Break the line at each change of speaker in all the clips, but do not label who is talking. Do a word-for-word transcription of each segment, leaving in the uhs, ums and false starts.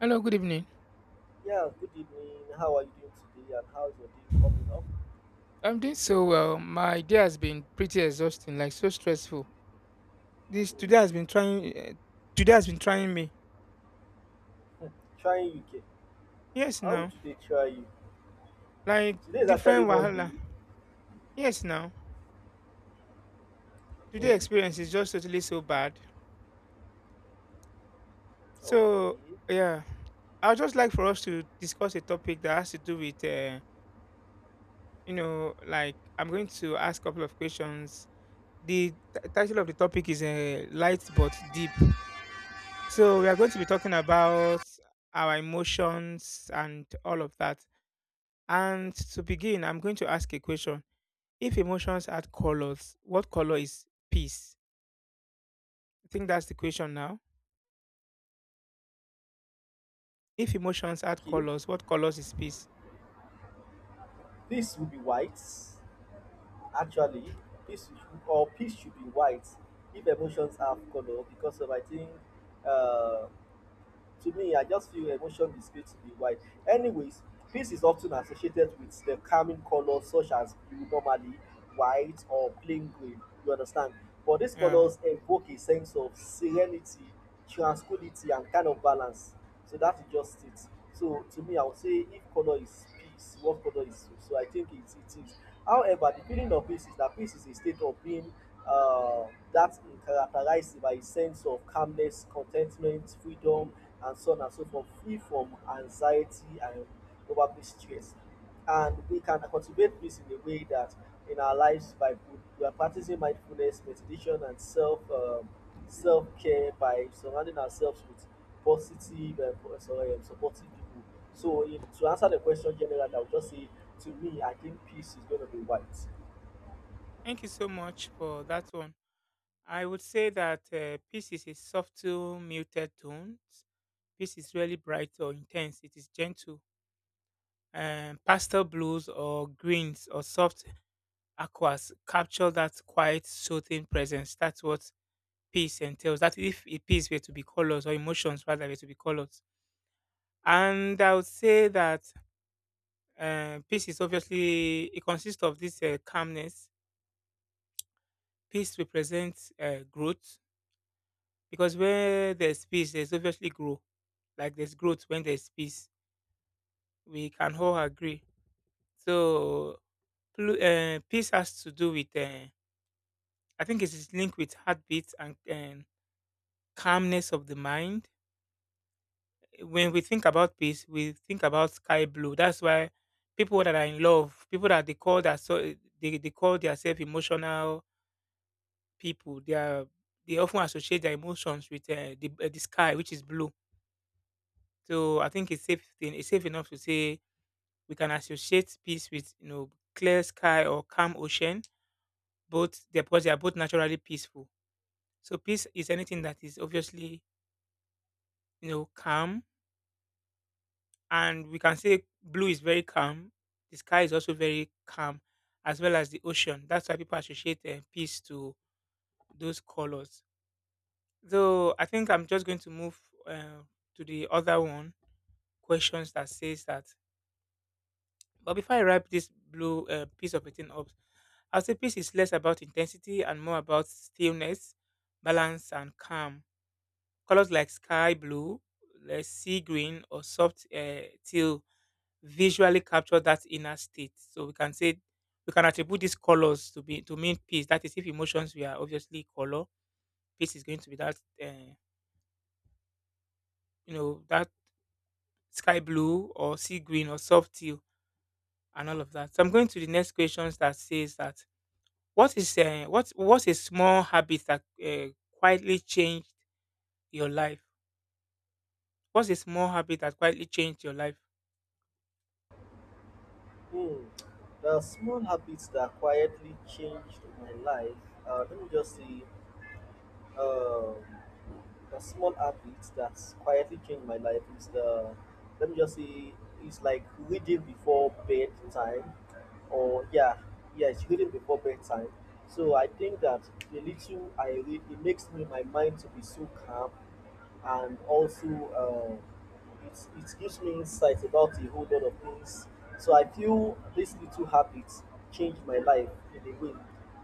Hello, good evening.
Yeah, good evening. How are you doing today and how's your day coming up?
I'm doing so well. My day has been pretty exhausting, like so stressful. This
Mm.
today has been trying. Uh, today has been trying me.
Trying U K.
Yes,
How
now
would you dey try you?
like
Today is actually
different
Monday.
wahala. Yes, now today
Mm.
experience is just totally so bad.
Okay.
So yeah, I'd just like for us to discuss a topic that has to do with uh, you know, like I'm going to ask a couple of questions. The t- title of the topic is uh, light but deep. So we are going to be talking about our emotions and all of that. And to begin, I'm going to ask a question. If emotions add colors, what color is peace? I think that's the question now. If emotions add
Okay.
colors, what colors is peace?
Peace will be white. Actually, peace should- or peace should be white if emotions have color because of I think uh to me, I just feel emotion is going to be wide. Anyways, peace is often associated with the calming colors such as blue, normally white or plain green, you understand? But these
Yeah.
colors evoke a sense of serenity, tranquility, and kind of balance. So that's just it. So to me, I would say if color is peace, what color is so? So I think it, it is. However, the feeling of peace is that peace is a state of being uh, that is characterized by a sense of calmness, contentment, freedom, and so on and so forth, free from anxiety and probably stress. And we can cultivate peace in a way that in our lives by we are practicing mindfulness, meditation, and self um, self care by surrounding ourselves with positive and po- sorry, um, supportive people. So, if, to answer the question generally, I would just say to me, I think peace is going to be white.
Thank you so much for that one. I would say that uh, peace is a subtle, muted tone. Peace is really bright or intense. It is gentle. Um, pastel blues or greens or soft aquas capture that quiet, soothing presence. That's what peace entails. That if it- peace were to be colors, or emotions rather were to be colors. And I would say that uh, peace is obviously, it consists of this uh, calmness. Peace represents uh, growth, because where there's peace, there's obviously growth. Like there's growth when there's peace. We can all agree. So plu- uh, peace has to do with, uh, I think it is linked with heartbeats and, and calmness of the mind. When we think about peace, we think about sky blue. That's why people that are in love, people that they call that so eh, they, they call themselves emotional people. They are they often associate their emotions with uh, the, uh, the sky, which is blue. So I think it's safe thing. It's safe enough to say we can associate peace with you know clear sky or calm ocean. Both they're because they are both naturally peaceful. So peace is anything that is obviously you know calm, and we can say blue is very calm. The sky is also very calm, as well as the ocean. That's why people associate uh, peace to those colors. So I think I'm just going to move uh, to the other one questions that says that. But before I wrap this blue uh, piece of a thing up, I'd say peace is less about intensity and more about stillness, balance, and calm. Colors like sky blue, like sea green, or soft uh, teal visually capture that inner state. So we can say we can attribute these colors to be to mean peace. That is, if emotions were obviously color, peace is going to be that uh, you know that sky blue or sea green or soft teal and all of that. So I'm going to the next questions that says that what is uh, what what is a small habit that uh, quietly change your life? What's a small habit that quietly changed your life?
Hmm. There are small habits that quietly changed my life. Uh, let me just see. Um, the small habit that's quietly changed my life is the let me just say it's like reading before bedtime or yeah yeah it's reading before bedtime. So I think that the little I read, it makes me my mind to be so calm, and also uh, it, it gives me insight about a whole lot of things. So I feel these little habits changed my life in a way,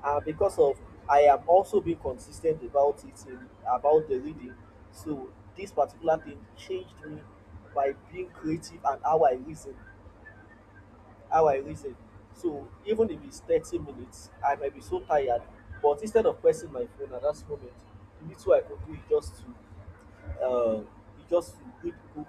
and because of I am also being consistent about it in, about the reading. So this particular thing changed me by being creative and how I reason, how I reason. So even if it's thirty minutes, I might be so tired, but instead of pressing my phone at that moment, the little I could do is just to uh, you just read book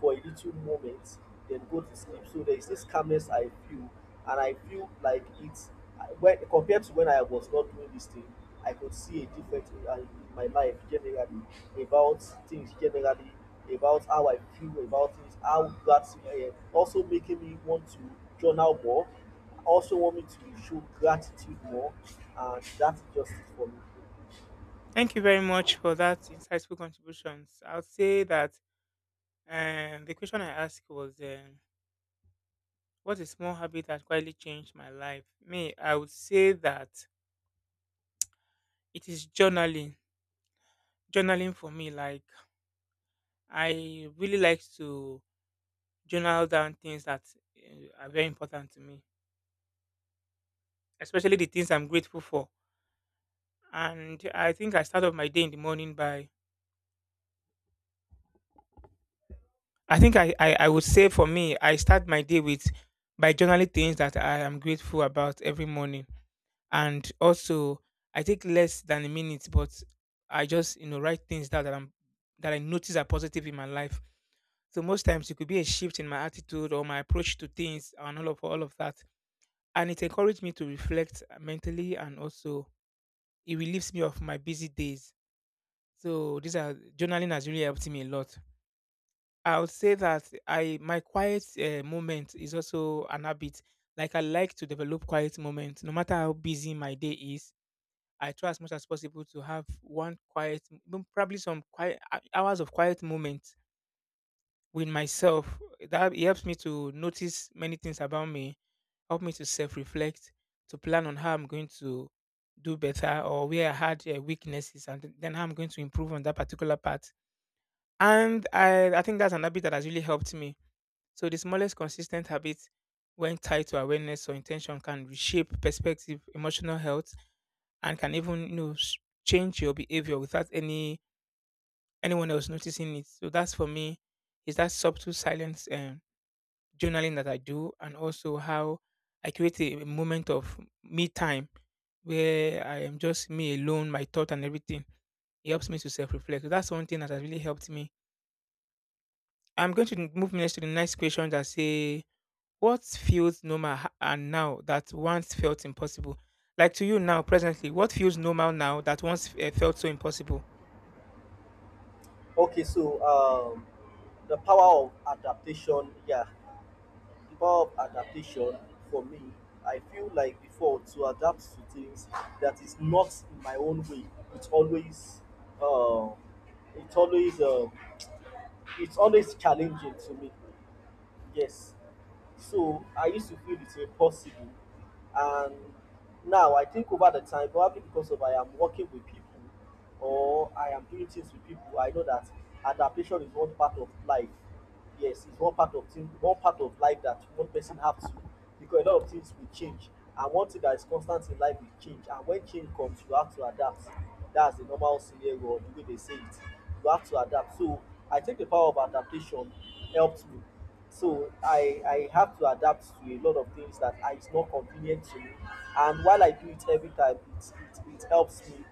for a little moment, then go to sleep. So there is this calmness I feel, and I feel like it's I- when compared to when I was not doing this thing, I could see a difference in, uh, in my life generally, about things generally, about how I feel about things, how that's uh, also making me want to journal more, also want me to show gratitude more, and that's just it for me.
Thank you very much for that insightful contributions. I'll say that um, the question I asked was, um, what's a small habit that quietly changed my life? Me, I would say that it is journaling. Journaling for me, like I really like to journal down things that uh, are very important to me, especially the things I'm grateful for. And I think I start off my day in the morning by I think I, I, I would say for me, I start my day with by journaling things that I am grateful about every morning. And also I take less than a minute, but I just, you know, write things down that I'm that I notice are positive in my life. So most times it could be a shift in my attitude or my approach to things and all of all of that. And it encouraged me to reflect mentally, and also it relieves me of my busy days. So these are journaling has really helped me a lot. I would say that I my quiet uh, moment is also an habit. Like I like to develop quiet moments, no matter how busy my day is. I try as much as possible to have one quiet, m- probably some quiet hou- hours of quiet moment with myself. That it helps me to notice many things about me, help me to self-reflect, to plan on how I'm going to do better, or where I had uh, weaknesses, and then how I'm going to improve on that particular part. And I, I think that's an habit that has really helped me. So the smallest consistent habit, when tied to awareness or intention, can reshape perspective, emotional health, and can even you know s- change your behavior without any anyone else noticing it. So that's for me is that subtle silence um, journaling that I do, and also how I create a a moment of me time where I am just me alone, my thought and everything. It helps me to self reflect. So that's one thing that has really helped me. I'm going to move next to the next question that say, what feels normal ha- and now that once felt impossible? Like to you now, presently, what feels normal now that once uh, felt so impossible?
Okay, so um, the power of adaptation, yeah, the power of adaptation For me, I feel like before to adapt to things that is not in my own way, it's always, uh, it's always, uh, it's always challenging to me. Yes, so I used to feel it's impossible, and now I think over the time, probably because of I am working with people or I am doing things with people, I know that adaptation is one part of life. Yes, it's one part of thing one part of life that one person have to, because a lot of things will change, and one thing that is constant in life is change, and when change comes you have to adapt. That's the normal scenario, or the way they say it, you have to adapt. So I think the power of adaptation helped me. So I I have to adapt to a lot of things that are, is not convenient to me. And while I do it every time, it, it, it helps me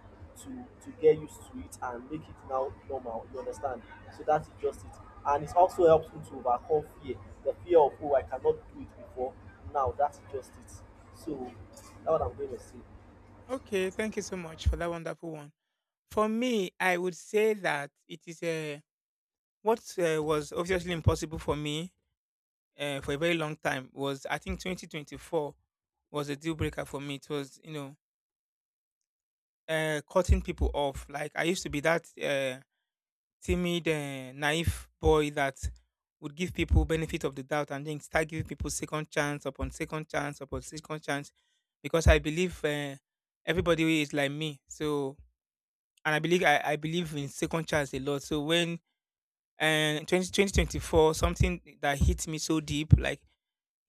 to to get used to it and make it now normal. You understand? So that is just it. And it also helps me to overcome fear, the fear of, oh, I cannot do it before. Now that's just it. So that's what I'm going to say.
Okay, thank you so much for that wonderful one. For me, I would say that it is a what uh, was obviously impossible for me uh, for a very long time was I think twenty twenty-four was a deal breaker for me. It was you know uh, cutting people off. Like I used to be that. Uh, timid, uh, naive boy that would give people benefit of the doubt and then start giving people second chance upon second chance upon second chance, because I believe uh, everybody is like me. So and I believe I, I believe in second chance a lot. So when uh, twenty twenty twenty four, something that hit me so deep, like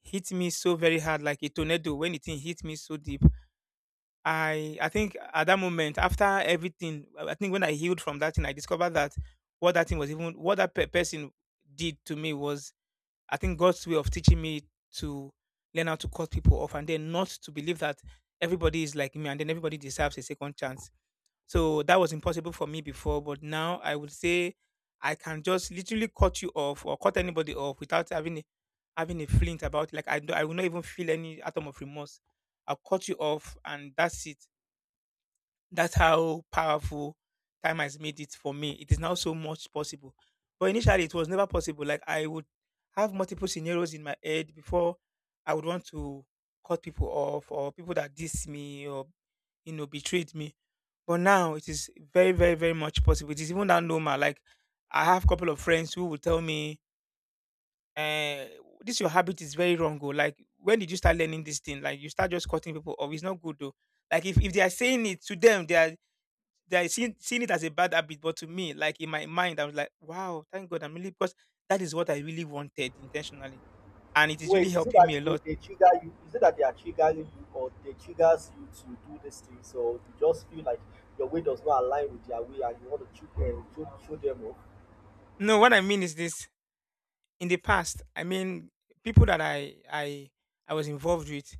hit me so very hard, like a tornado. When the thing hit me so deep, I I think at that moment, after everything, I I think when I healed from that thing, I discovered that what that thing was, even what that pe- person did to me was, I think, God's way of teaching me to learn how to cut people off, and then not to believe that everybody is like me and then everybody deserves a second chance. So that was impossible for me before, but now I would say I can just literally cut you off or cut anybody off without having a, having a flint about it. Like I do, I will not even feel any atom of remorse. I'll cut you off and that's it. That's how powerful time has made it for me. It is now so much possible. But initially, it was never possible. Like, I would have multiple scenarios in my head before I would want to cut people off, or people that diss me or, you know, betrayed me. But now it is very, very, very much possible. It is even that normal. Like, I have a couple of friends who will tell me, uh, this your habit is very wrong. Oh. Like, when did you start learning this thing? Like, you start just cutting people off. It's not good, though. Like, if, if they are saying it to them, they are they are seen seeing it as a bad habit, but to me, like in my mind, I was like, wow, thank God I'm really, because that is what I really wanted intentionally. And it is really
Wait, is it
helping me
that
a
they,
lot.
they trigger you? Is it that they are triggering you, or they triggers you to do these things, or you just feel like your way does not align with their way, and you want to trigger, show, show them off?
No, what I mean is this. In the past, I mean people that I I I was involved with,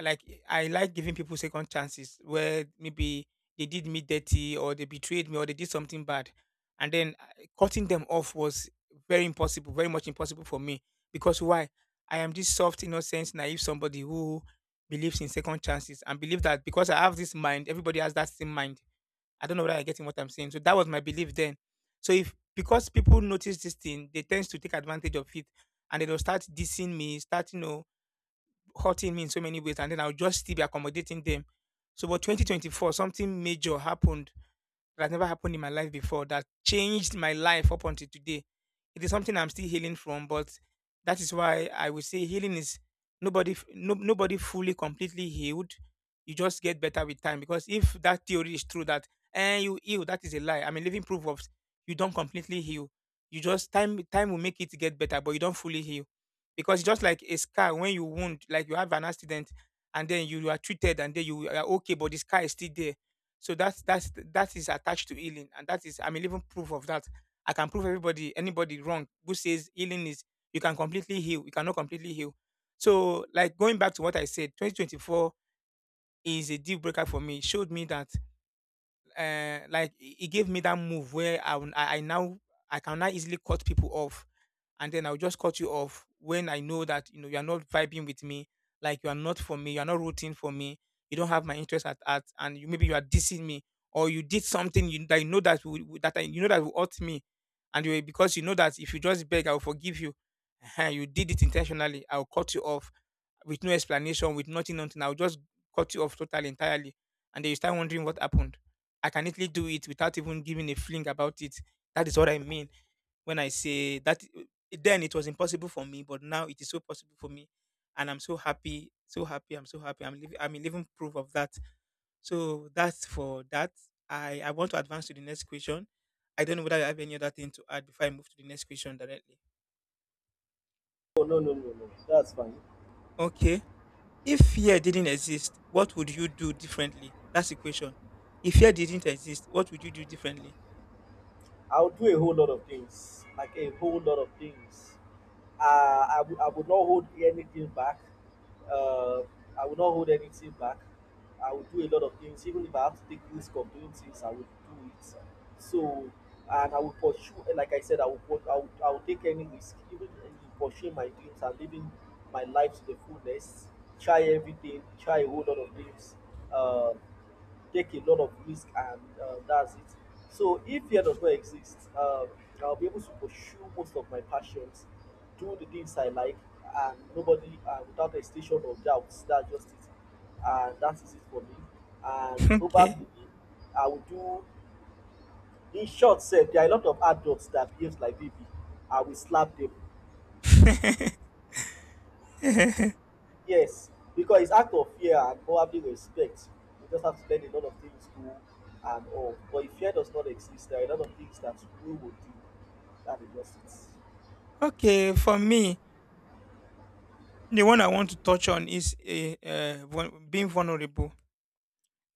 like I like giving people second chances where maybe they did me dirty or they betrayed me or they did something bad, and then uh, cutting them off was very impossible, very much impossible for me, because why? I am this soft, innocent, naive somebody who believes in second chances and believe that because I have this mind, everybody has that same mind. I don't know whether I'm getting what I'm saying. So that was my belief then. So if because people notice this thing, they tend to take advantage of it and they will start dissing me, start you know hurting me in so many ways, and then I'll just still be accommodating them. So, but twenty twenty-four, something major happened that has never happened in my life before that changed my life up until today. It is something I'm still healing from, but that is why I would say healing is nobody f- no, nobody fully completely healed. You just get better with time, because if that theory is true that and you heal, that is a lie. I'm a living proof of you don't completely heal. You just time time will make it get better, but you don't fully heal because just like a scar when you wound, like you have an accident and then you are treated and then you are okay, but the scar is still there so that's that's that is attached to healing, and that is I'm a living proof of that. I can prove everybody anybody wrong who says healing is you can completely heal, you cannot completely heal. So like going back to what I said, twenty twenty-four is a deal breaker for me. It showed me that uh like it it gave me that move where I, will- I I now I can now easily cut people off, and then I'll just cut you off when I know that you know you are not vibing with me, like you are not for me, you are not rooting for me, you don't have my interest at heart, and you maybe you are dissing me, or you did something you, that you know that will, will- that I, you know, that will hurt me, and you because you know that if you just beg, I will forgive you. Ehen, you did it intentionally. I'll cut you off with no explanation, with nothing, nothing. I'll just cut you off totally, entirely, and then you start wondering what happened. I can easily do it without even giving a fling about it. That is what I mean when I say that eh, then it was impossible for me, but now it is so possible for me, and I'm so happy, so happy, I'm so happy. I'm living, I'm a living proof of that. So that's for that. I I want to advance to the next question. I don't know whether I have any other thing to add before I move to the next question directly.
Oh no, no, no, no. That's fine.
Okay, if fear didn't exist, what would you do differently? That's the question. If fear didn't exist, what would you do differently?
I'll do a whole lot of things, like a whole lot of things. Uh, I would I would not hold anything back. Uh, I would not hold anything back. I would do a lot of things, even if I have to take risk of doing things, I would do it. So, and I would pursue, like I said, I would, put- I would, I would take any risk, even in pursuing my dreams and living my life to the fullness. Try everything, try a whole lot of things. Uh, Take a lot of risk and uh, that's it. So if fear does not exist, um, I'll be able to pursue most of my passions, do the things I like, and nobody uh, without hesitation or doubts. That's just it, and that is it for me. And
Okay.
probably I will do. In short, said there are a lot of adults that behaves like baby. I will slap them. Yes, because it's act of fear and probably respect. You just have to learn a lot of things to and all. But if fear does not exist, there are a lot of things that we will do. That is just it.
Okay, for me, the one I want to touch on is a, uh, vul- being vulnerable.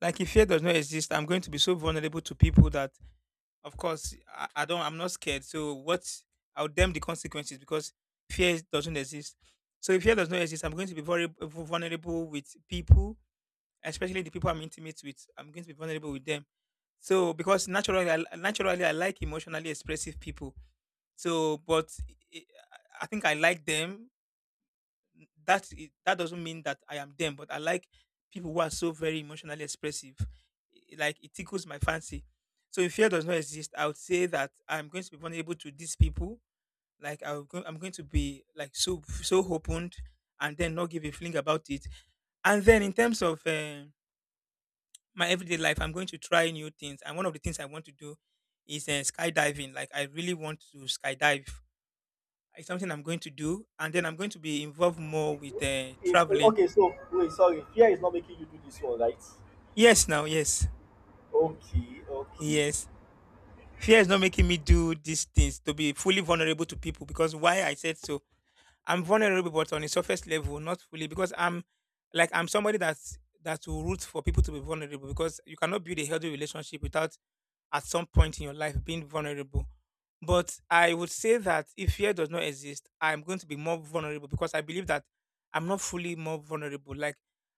Like if fear does not exist, I'm going to be so vulnerable to people that, of course, I, I don't. I'm not scared. So what? I'll damn the consequences because fear doesn't exist. So if fear does not exist, I'm going to be very vulnerable with people, especially the people I'm intimate with. I'm going to be vulnerable with them. So because naturally, I, naturally, I like emotionally expressive people. So, but I I think I like them that i- that doesn't mean that I am them, but I like people who are so very emotionally expressive. I- Like it tickles my fancy. So if fear does not exist, I would say that I'm going to be vulnerable to these people. Like I'm going, I'm going to be like so so opened, and then not give a fling about it. And then in terms of eh, my everyday life, I'm going to try new things. And one of the things I want to do is uh, skydiving. Like I really want to skydive. It's something I'm going to do, and then I'm going to be involved more with uh,
If, oh,
traveling.
okay, so wait, sorry, fear is not making you do this one, right?
Yes, now, yes,
Okay, okay.
yes. Fear is not making me do these things to be fully vulnerable to people because why I said so. I'm vulnerable, but on a surface level, not fully because I'm like I'm somebody that's that will root for people to be vulnerable because you cannot build a healthy relationship without at some point in your life being vulnerable. But I would say that if fear does not exist, I'm going to be more vulnerable because I believe that I'm not fully more vulnerable. Like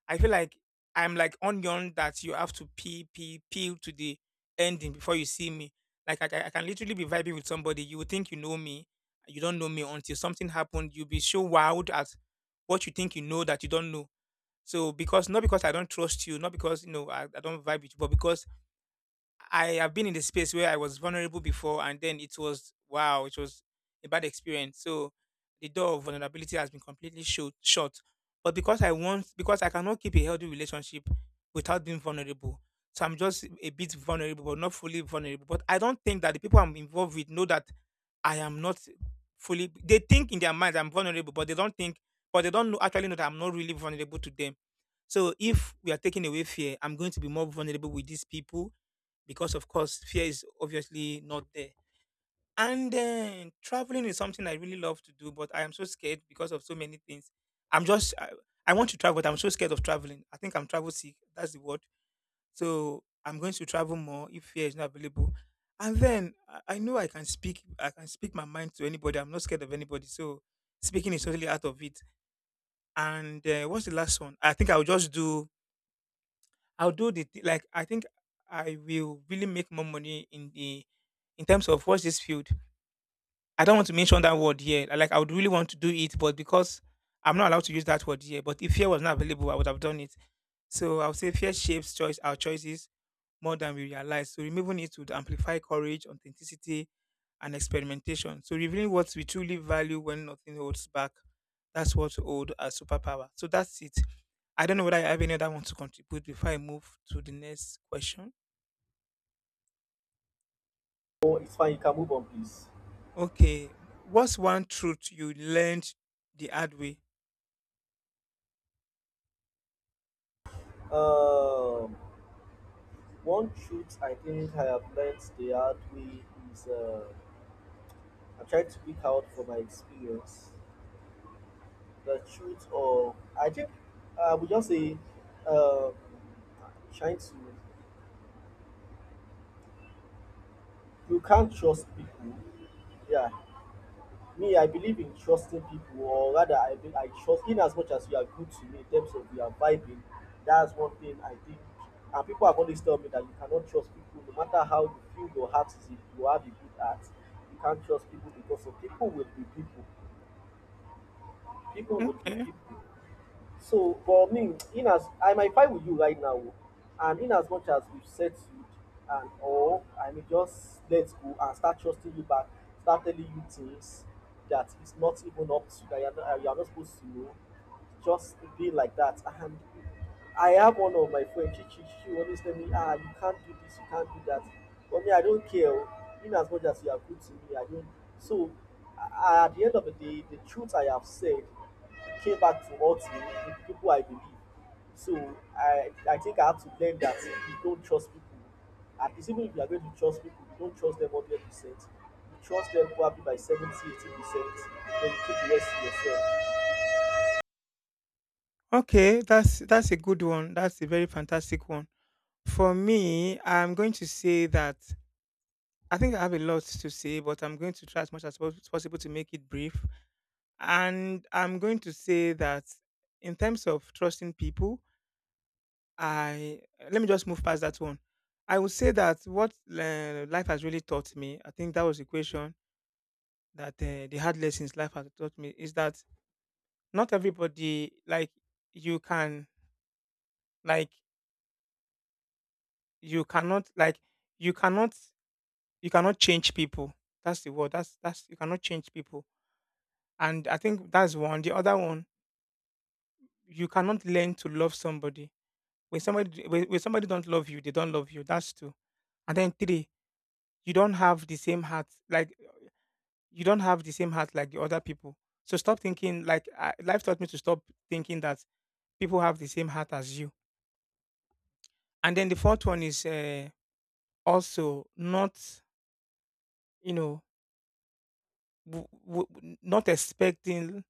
I feel like I'm like onion that you have to peel, peel, peel to the ending before you see me. Like I, ca- I can literally be vibing with somebody. You would think you know me, you don't know me until something happened. You'll be so wild at what you think you know that you don't know. So because not because I don't trust you, not because you know I, I don't vibe with you, but because I have been in the space where I was vulnerable before, and then it was wow, it was a bad experience. So the door of vulnerability has been completely shut. shut. But because I want, because I cannot keep a healthy relationship without being vulnerable, so I'm just a bit vulnerable, but not fully vulnerable. But I don't think that the people I'm involved with know that I am not fully. They think in their minds I'm vulnerable, but they don't think, but they don't know, actually know that I'm not really vulnerable to them. So if we are taking away fear, I'm going to be more vulnerable with these people because of course fear is obviously not there, and then traveling is something I really love to do but I am so scared because of so many things. i'm just i, I want to travel but I'm so scared of traveling. I think I'm travel sick, that's the word. So I'm going to travel more if fear is not available. And then i, I know i can speak I can speak my mind to anybody. I'm not scared of anybody, so speaking is totally out of it. And uh, what's the last one? I think I'll just do. I'll do the thi- Like I think I will really make more money in the in terms of what's this field. I don't want to mention that word here. Like I would really want to do it, but because I'm not allowed to use that word here. But if fear was not available, I would have done it. So I would say fear shapes choice our choices more than we realize. So removing it would amplify courage, authenticity, and experimentation. So revealing what we truly value when nothing holds back. That's what hold a superpower. So that's it. I don't know whether I have any other one to contribute before I move to the next question.
Oh, it's fine. You can move on, please.
Okay. What's one truth you learned the hard way?
Um, One truth I think I have learned the hard way is uh, I'm trying to speak out for my experience. The truth of I think I would just say uh trying to You can't trust people. Yeah. Me, I believe in trusting people, or rather I be- I trust in as much as you are good to me in terms of you are vibing, that's one thing I think. And people have always told me that you cannot trust people no matter how you feel your heart is. If you have a good heart, you can't trust people because of people will be people. People will be
Okay.
people. So, but me, in as I might fight with you right now, and in as much as we've settled and all, I may just let go and start trusting you back, start telling you things that it's not even up to, that you're not, you're not supposed to know. Just be like that. And I have one of my friends, she, she, she always tell me, ah, you can't do this, you can't do that. But me, I don't care. Oh. In as much as you are good to me, I don't. So, a- at the end of the day, the truth I have said came back to hurt me in the people I believe. So I I think I have to learn that you don't trust people. At least even if you are going to trust people, you don't trust them one hundred percent. You trust them probably by seventy, eighty percent. Then you keep the rest to yourself.
Okay, that's that's a good one. That's a very fantastic one. For me, I'm going to say that I think I have a lot to say, but I'm going to try as much as pos- possible to make it brief. And I'm going to say that in terms of trusting people, I let me just move past that one. I would say that what uh, life has really taught me, I think that was the question that uh, the hard lessons life has taught me is that not everybody like you can like you cannot like you cannot you cannot change people. That's the word. That's that's you cannot change people. And I think that's one. The other one, you cannot learn to love somebody. When somebody when, when somebody don't love you, they don't love you. That's two. And then three, you don't have the same heart. Like you don't have the same heart like the other people. So stop thinking like I, life taught me to stop thinking that people have the same heart as you. And then the fourth one is uh, also not you know w- w- w- not expecting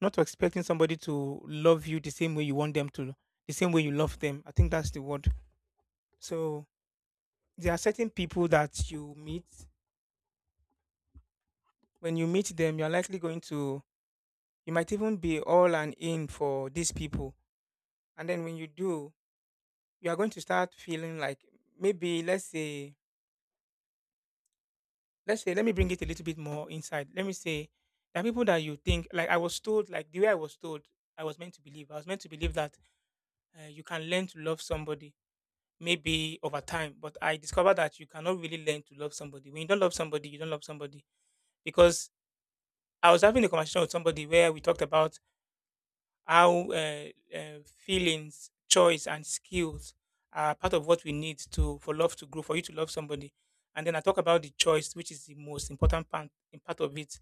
not expecting somebody to love you the same way you want them to, the same way you love them. I think that's the word. So there are certain people that you meet. When you meet them, you're likely going to, you might even be all and in for these people. And then when you do, you are going to start feeling like maybe let's say let's say let me bring it a little bit more inside. Let me say there are people that you think like I was told like the way I was told I was meant to believe. I was meant to believe that uh, you can learn to love somebody maybe over time, but I discovered that you cannot really learn to love somebody. When you don't love somebody, you don't love somebody because I was having a conversation with somebody where we talked about how uh, uh, feelings, choice, and skills are part of what we need to for love to grow, for you to love somebody. And then I talk about the choice, which is the most important part, part of it.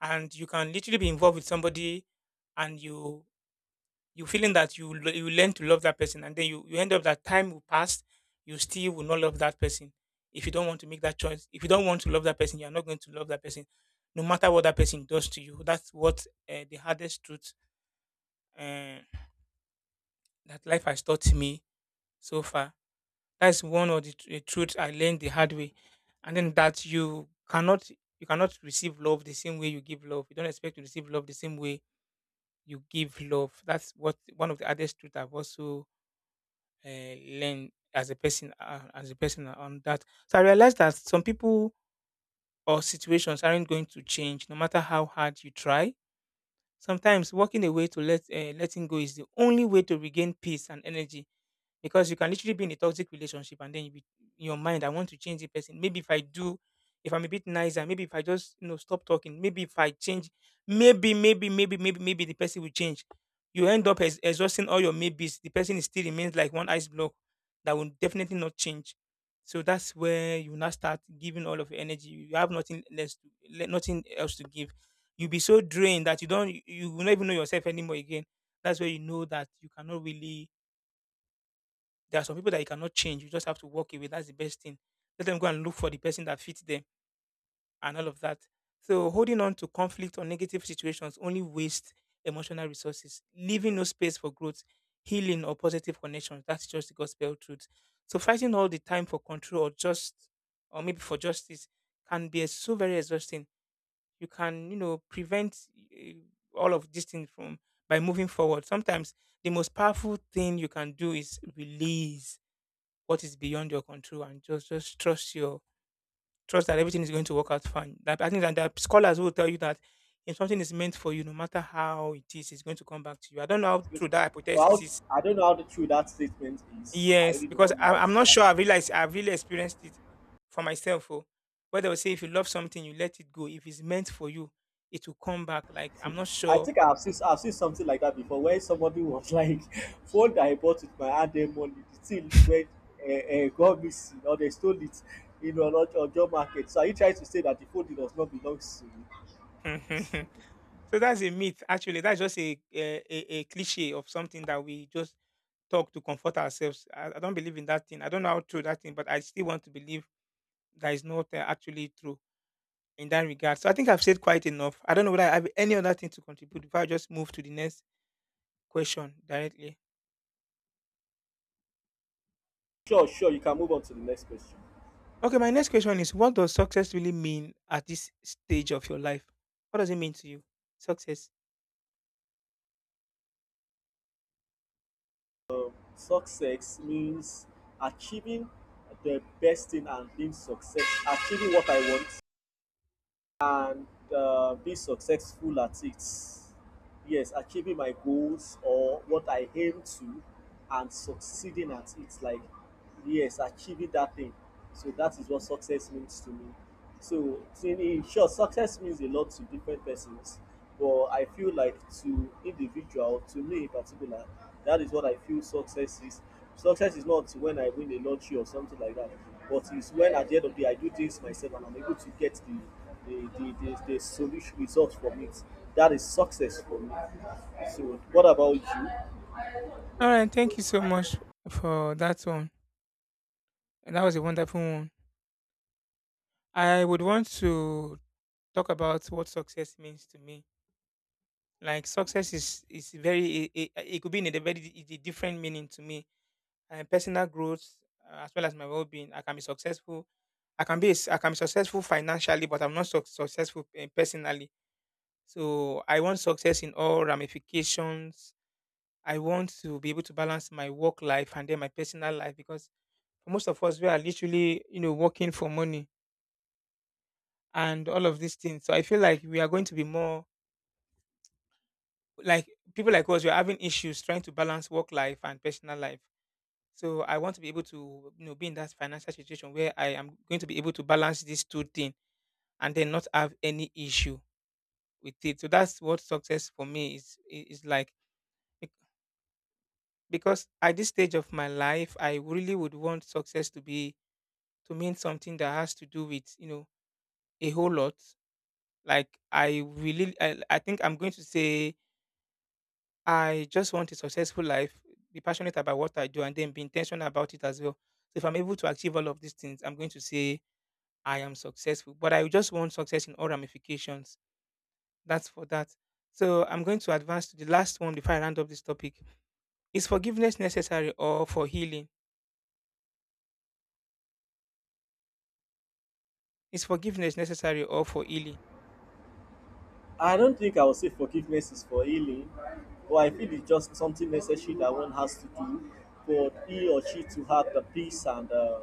And you can literally be involved with somebody, and you you feeling that you l- you learn to love that person, and then you, you end up that time will pass, you still will not love that person if you don't want to make that choice. If you don't want to love that person, you are not going to love that person, no matter what that person does to you. That's what uh, the hardest truth uh, that life has taught me so far. That's one of the tr- eh, truth I learned the hard way, and then that you cannot you cannot receive love the same way you give love. You don't expect to receive love the same way you give love. That's what one of the hardest truth I've also uh, learned as a person uh, as a person on that. So I realized that some people or situations aren't going to change no matter how hard you try. Sometimes walking away to let uh, letting go is the only way to regain peace and energy, because you can literally be in a toxic relationship and then you be, in your mind, I want to change the person. Maybe if I do, if I'm a bit nicer, maybe if I just, you know, stop talking, maybe if I change, maybe maybe maybe maybe maybe the person will change. You end up ex- exhausting all your maybes, the person is still remains like one ice block that will definitely not change. So that's where you now start giving all of your energy, you have nothing less to, le- nothing else to give. You'll be so drained that you don't you will not even know yourself anymore again. That's where you know that you cannot really, there are some people that you cannot change. You just have to walk away. That's the best thing. Let them go and look for the person that fits them and all of that. So holding on to conflict or negative situations only waste emotional resources, leaving no space for growth, healing, or positive connections. That's just the gospel truth. So fighting all the time for control, or just or maybe for justice, can be so very exhausting. You can, you know, prevent eh, all of these things from by moving forward. Sometimes the most powerful thing you can do is release what is beyond your control and just just trust your, trust that everything is going to work out fine. That, I think that there are scholars who will tell you that if something is meant for you, no matter how it is, it's going to come back to you. I don't know how
It's
true
good.
that
But
hypothesis is.
how, I don't know how the true that statement is. I
Yes,
really do
because
not know how
I, I'm
true
not
that
sure. I
statement is.
realized I've really experienced it for myself. Oh, where they will say if you love something, you let it go. If it's meant for you, it will come back. Like, I'm not
I
sure.
think I've seen I've seen something like that before, where somebody was like, "Phone that I bought with my hand then money, the thing went uh, uh, got missing, or they stole it in an Ojo market." So are you trying to say that the phone does not belong to you?
So that's a myth. Actually, that's just a a, a a cliche of something that we just talk to comfort ourselves. I, I don't believe in that thing. I don't know how true that thing, but I still want to believe that is not uh, actually true in that regard. So I think I've said quite enough. I don't know whether I have any other thing to contribute before I just move to the next question directly.
Sure, sure. You can move on to the next question.
Okay, my next question is, what does success really mean at this stage of your life? What does it mean to you? Success.
Success means achieving the best thing and being success, achieving what I want, uh, being successful at it. Yes, achieving my goals or what I aim to and succeeding at it. Like, yes, achieving that thing. So that is what success means to me. So, in in short, success means a lot to different persons, but I feel like to individual, to me in particular, that is what I feel success is. Success is not when I win a lottery or something like that, but it's when at the end of the day I do things myself and I'm able to get the the the, the, the solution results from it. That is success for me. So, what about you?
All right, thank you so much for that one. And that was a wonderful one. I would want to talk about what success means to me. Like, success is is very it, it, could be in a very di- di- different meaning to me. And personal growth, uh, as well as my well-being. I can be successful. I can be s- I can be successful financially, but I'm not suc successful eh, personally. So I want success in all ramifications. I want to be able to balance my work life and then my personal life, because for most of us, we are literally, you know, working for money and all of these things. So I feel like we are going to be more like, people like us, we're having issues trying to balance work life and personal life. So I want to be able to, you know, be in that financial situation where I am going to be able to balance these two things and then not have any issue with it. So that's what success for me is i- is like. Bec- Because at this stage of my life, I really would want success to be to mean something that has to do with, you know, a whole lot. Like, I really, I, I think I'm going to say I just want a successful life, be passionate about what I do, and then be intentional about it as well. So if I'm able to achieve all of these things, I'm going to say I am successful. But I just want success in all ramifications. That's for that. So I'm going to advance to the last one before I round up this topic. Is forgiveness necessary or for healing? Is forgiveness necessary or for healing?
I don't think I will say forgiveness is for healing, but I feel it's just something necessary that one has to do for he or she to have the peace and uh,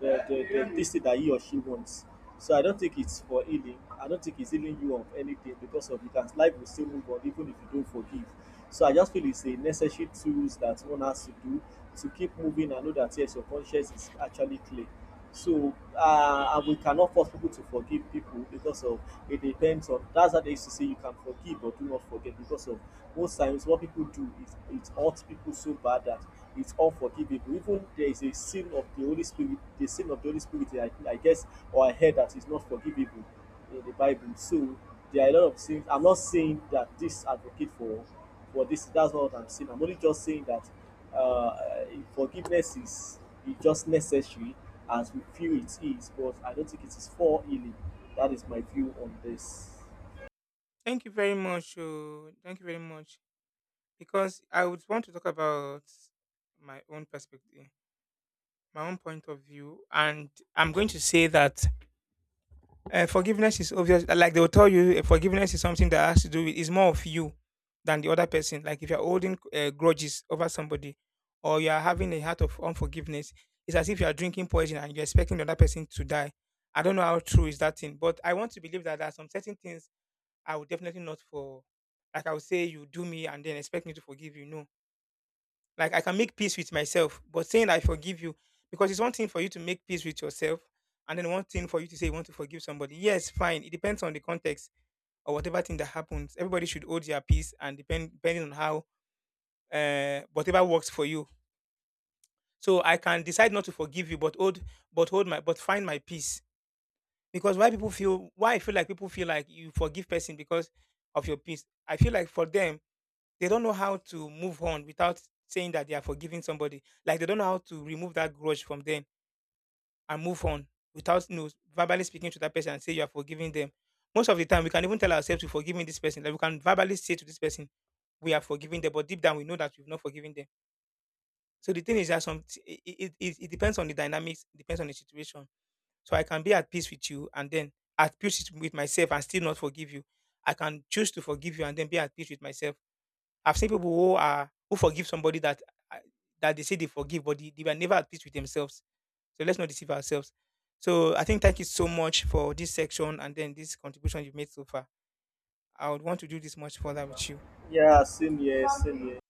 the, the, the this thing that he or she wants. So I don't think it's for healing. I don't think it's healing you of anything, because of you can life will still move on even if you don't forgive. So I just feel it's a necessary tools that one has to do to keep moving and know that yes, your conscience is actually clear. So uh, and we cannot force people to forgive people because of it depends on, that's how they used to say, you can forgive but do not forget, because of most times what people do is it hurts people so bad that it's unforgivable. Even there is a sin of the Holy Spirit, the sin of the Holy Spirit, I, I guess, or I heard, that is not forgivable in the Bible. So there are a lot of things. I'm not saying that this advocate for for this. That's not what I'm saying. I'm only just saying that uh, forgiveness is is just necessary as we feel it is, but I don't think it is for healing. That is my view on this.
Thank you very much. Oh, thank you very much. Because I would want to talk about my own perspective, my own point of view, and I'm going to say that, Uh, forgiveness is obvious. Like, they will tell you, uh, forgiveness is something that has to do with, is more of you than the other person. Like, if you're holding uh, grudges over somebody, or you are having a heart of unforgiveness, it's as if you are drinking poison and you're expecting the other person to die. I don't know how true is that thing, but I want to believe that there are some certain things I would definitely not for. Like, I would say, you do me and then expect me to forgive you. No, like, I can make peace with myself, but saying I forgive you, because it's one thing for you to make peace with yourself, and then one thing for you to say you want to forgive somebody. Yes, fine. It depends on the context or whatever thing that happens. Everybody should hold their peace, and depend depending on how, uh, whatever works for you. So I can decide not to forgive you, but hold, but hold my but find my peace. Because why people feel why I feel like people feel like you forgive person because of your peace. I feel like for them, they don't know how to move on without saying that they are forgiving somebody. Like, they don't know how to remove that grudge from them and move on without, you know, verbally speaking to that person and say you are forgiving them. Most of the time, we can even tell ourselves we're forgiving this person. Like, we can verbally say to this person we are forgiving them, but deep down we know that we've not forgiven them. So the thing is that some it, it, it it depends on the dynamics, it depends on the situation. So I can be at peace with you and then at peace with myself and still not forgive you. I can choose to forgive you and then be at peace with myself. I've seen people who are who forgive somebody that uh, that they say they forgive, but they, they were never at peace with themselves. So let's not deceive ourselves. So I think, thank you so much for this section and then this contribution you've made so far. I would want to do this much further with you.
Yeah, same here, same here.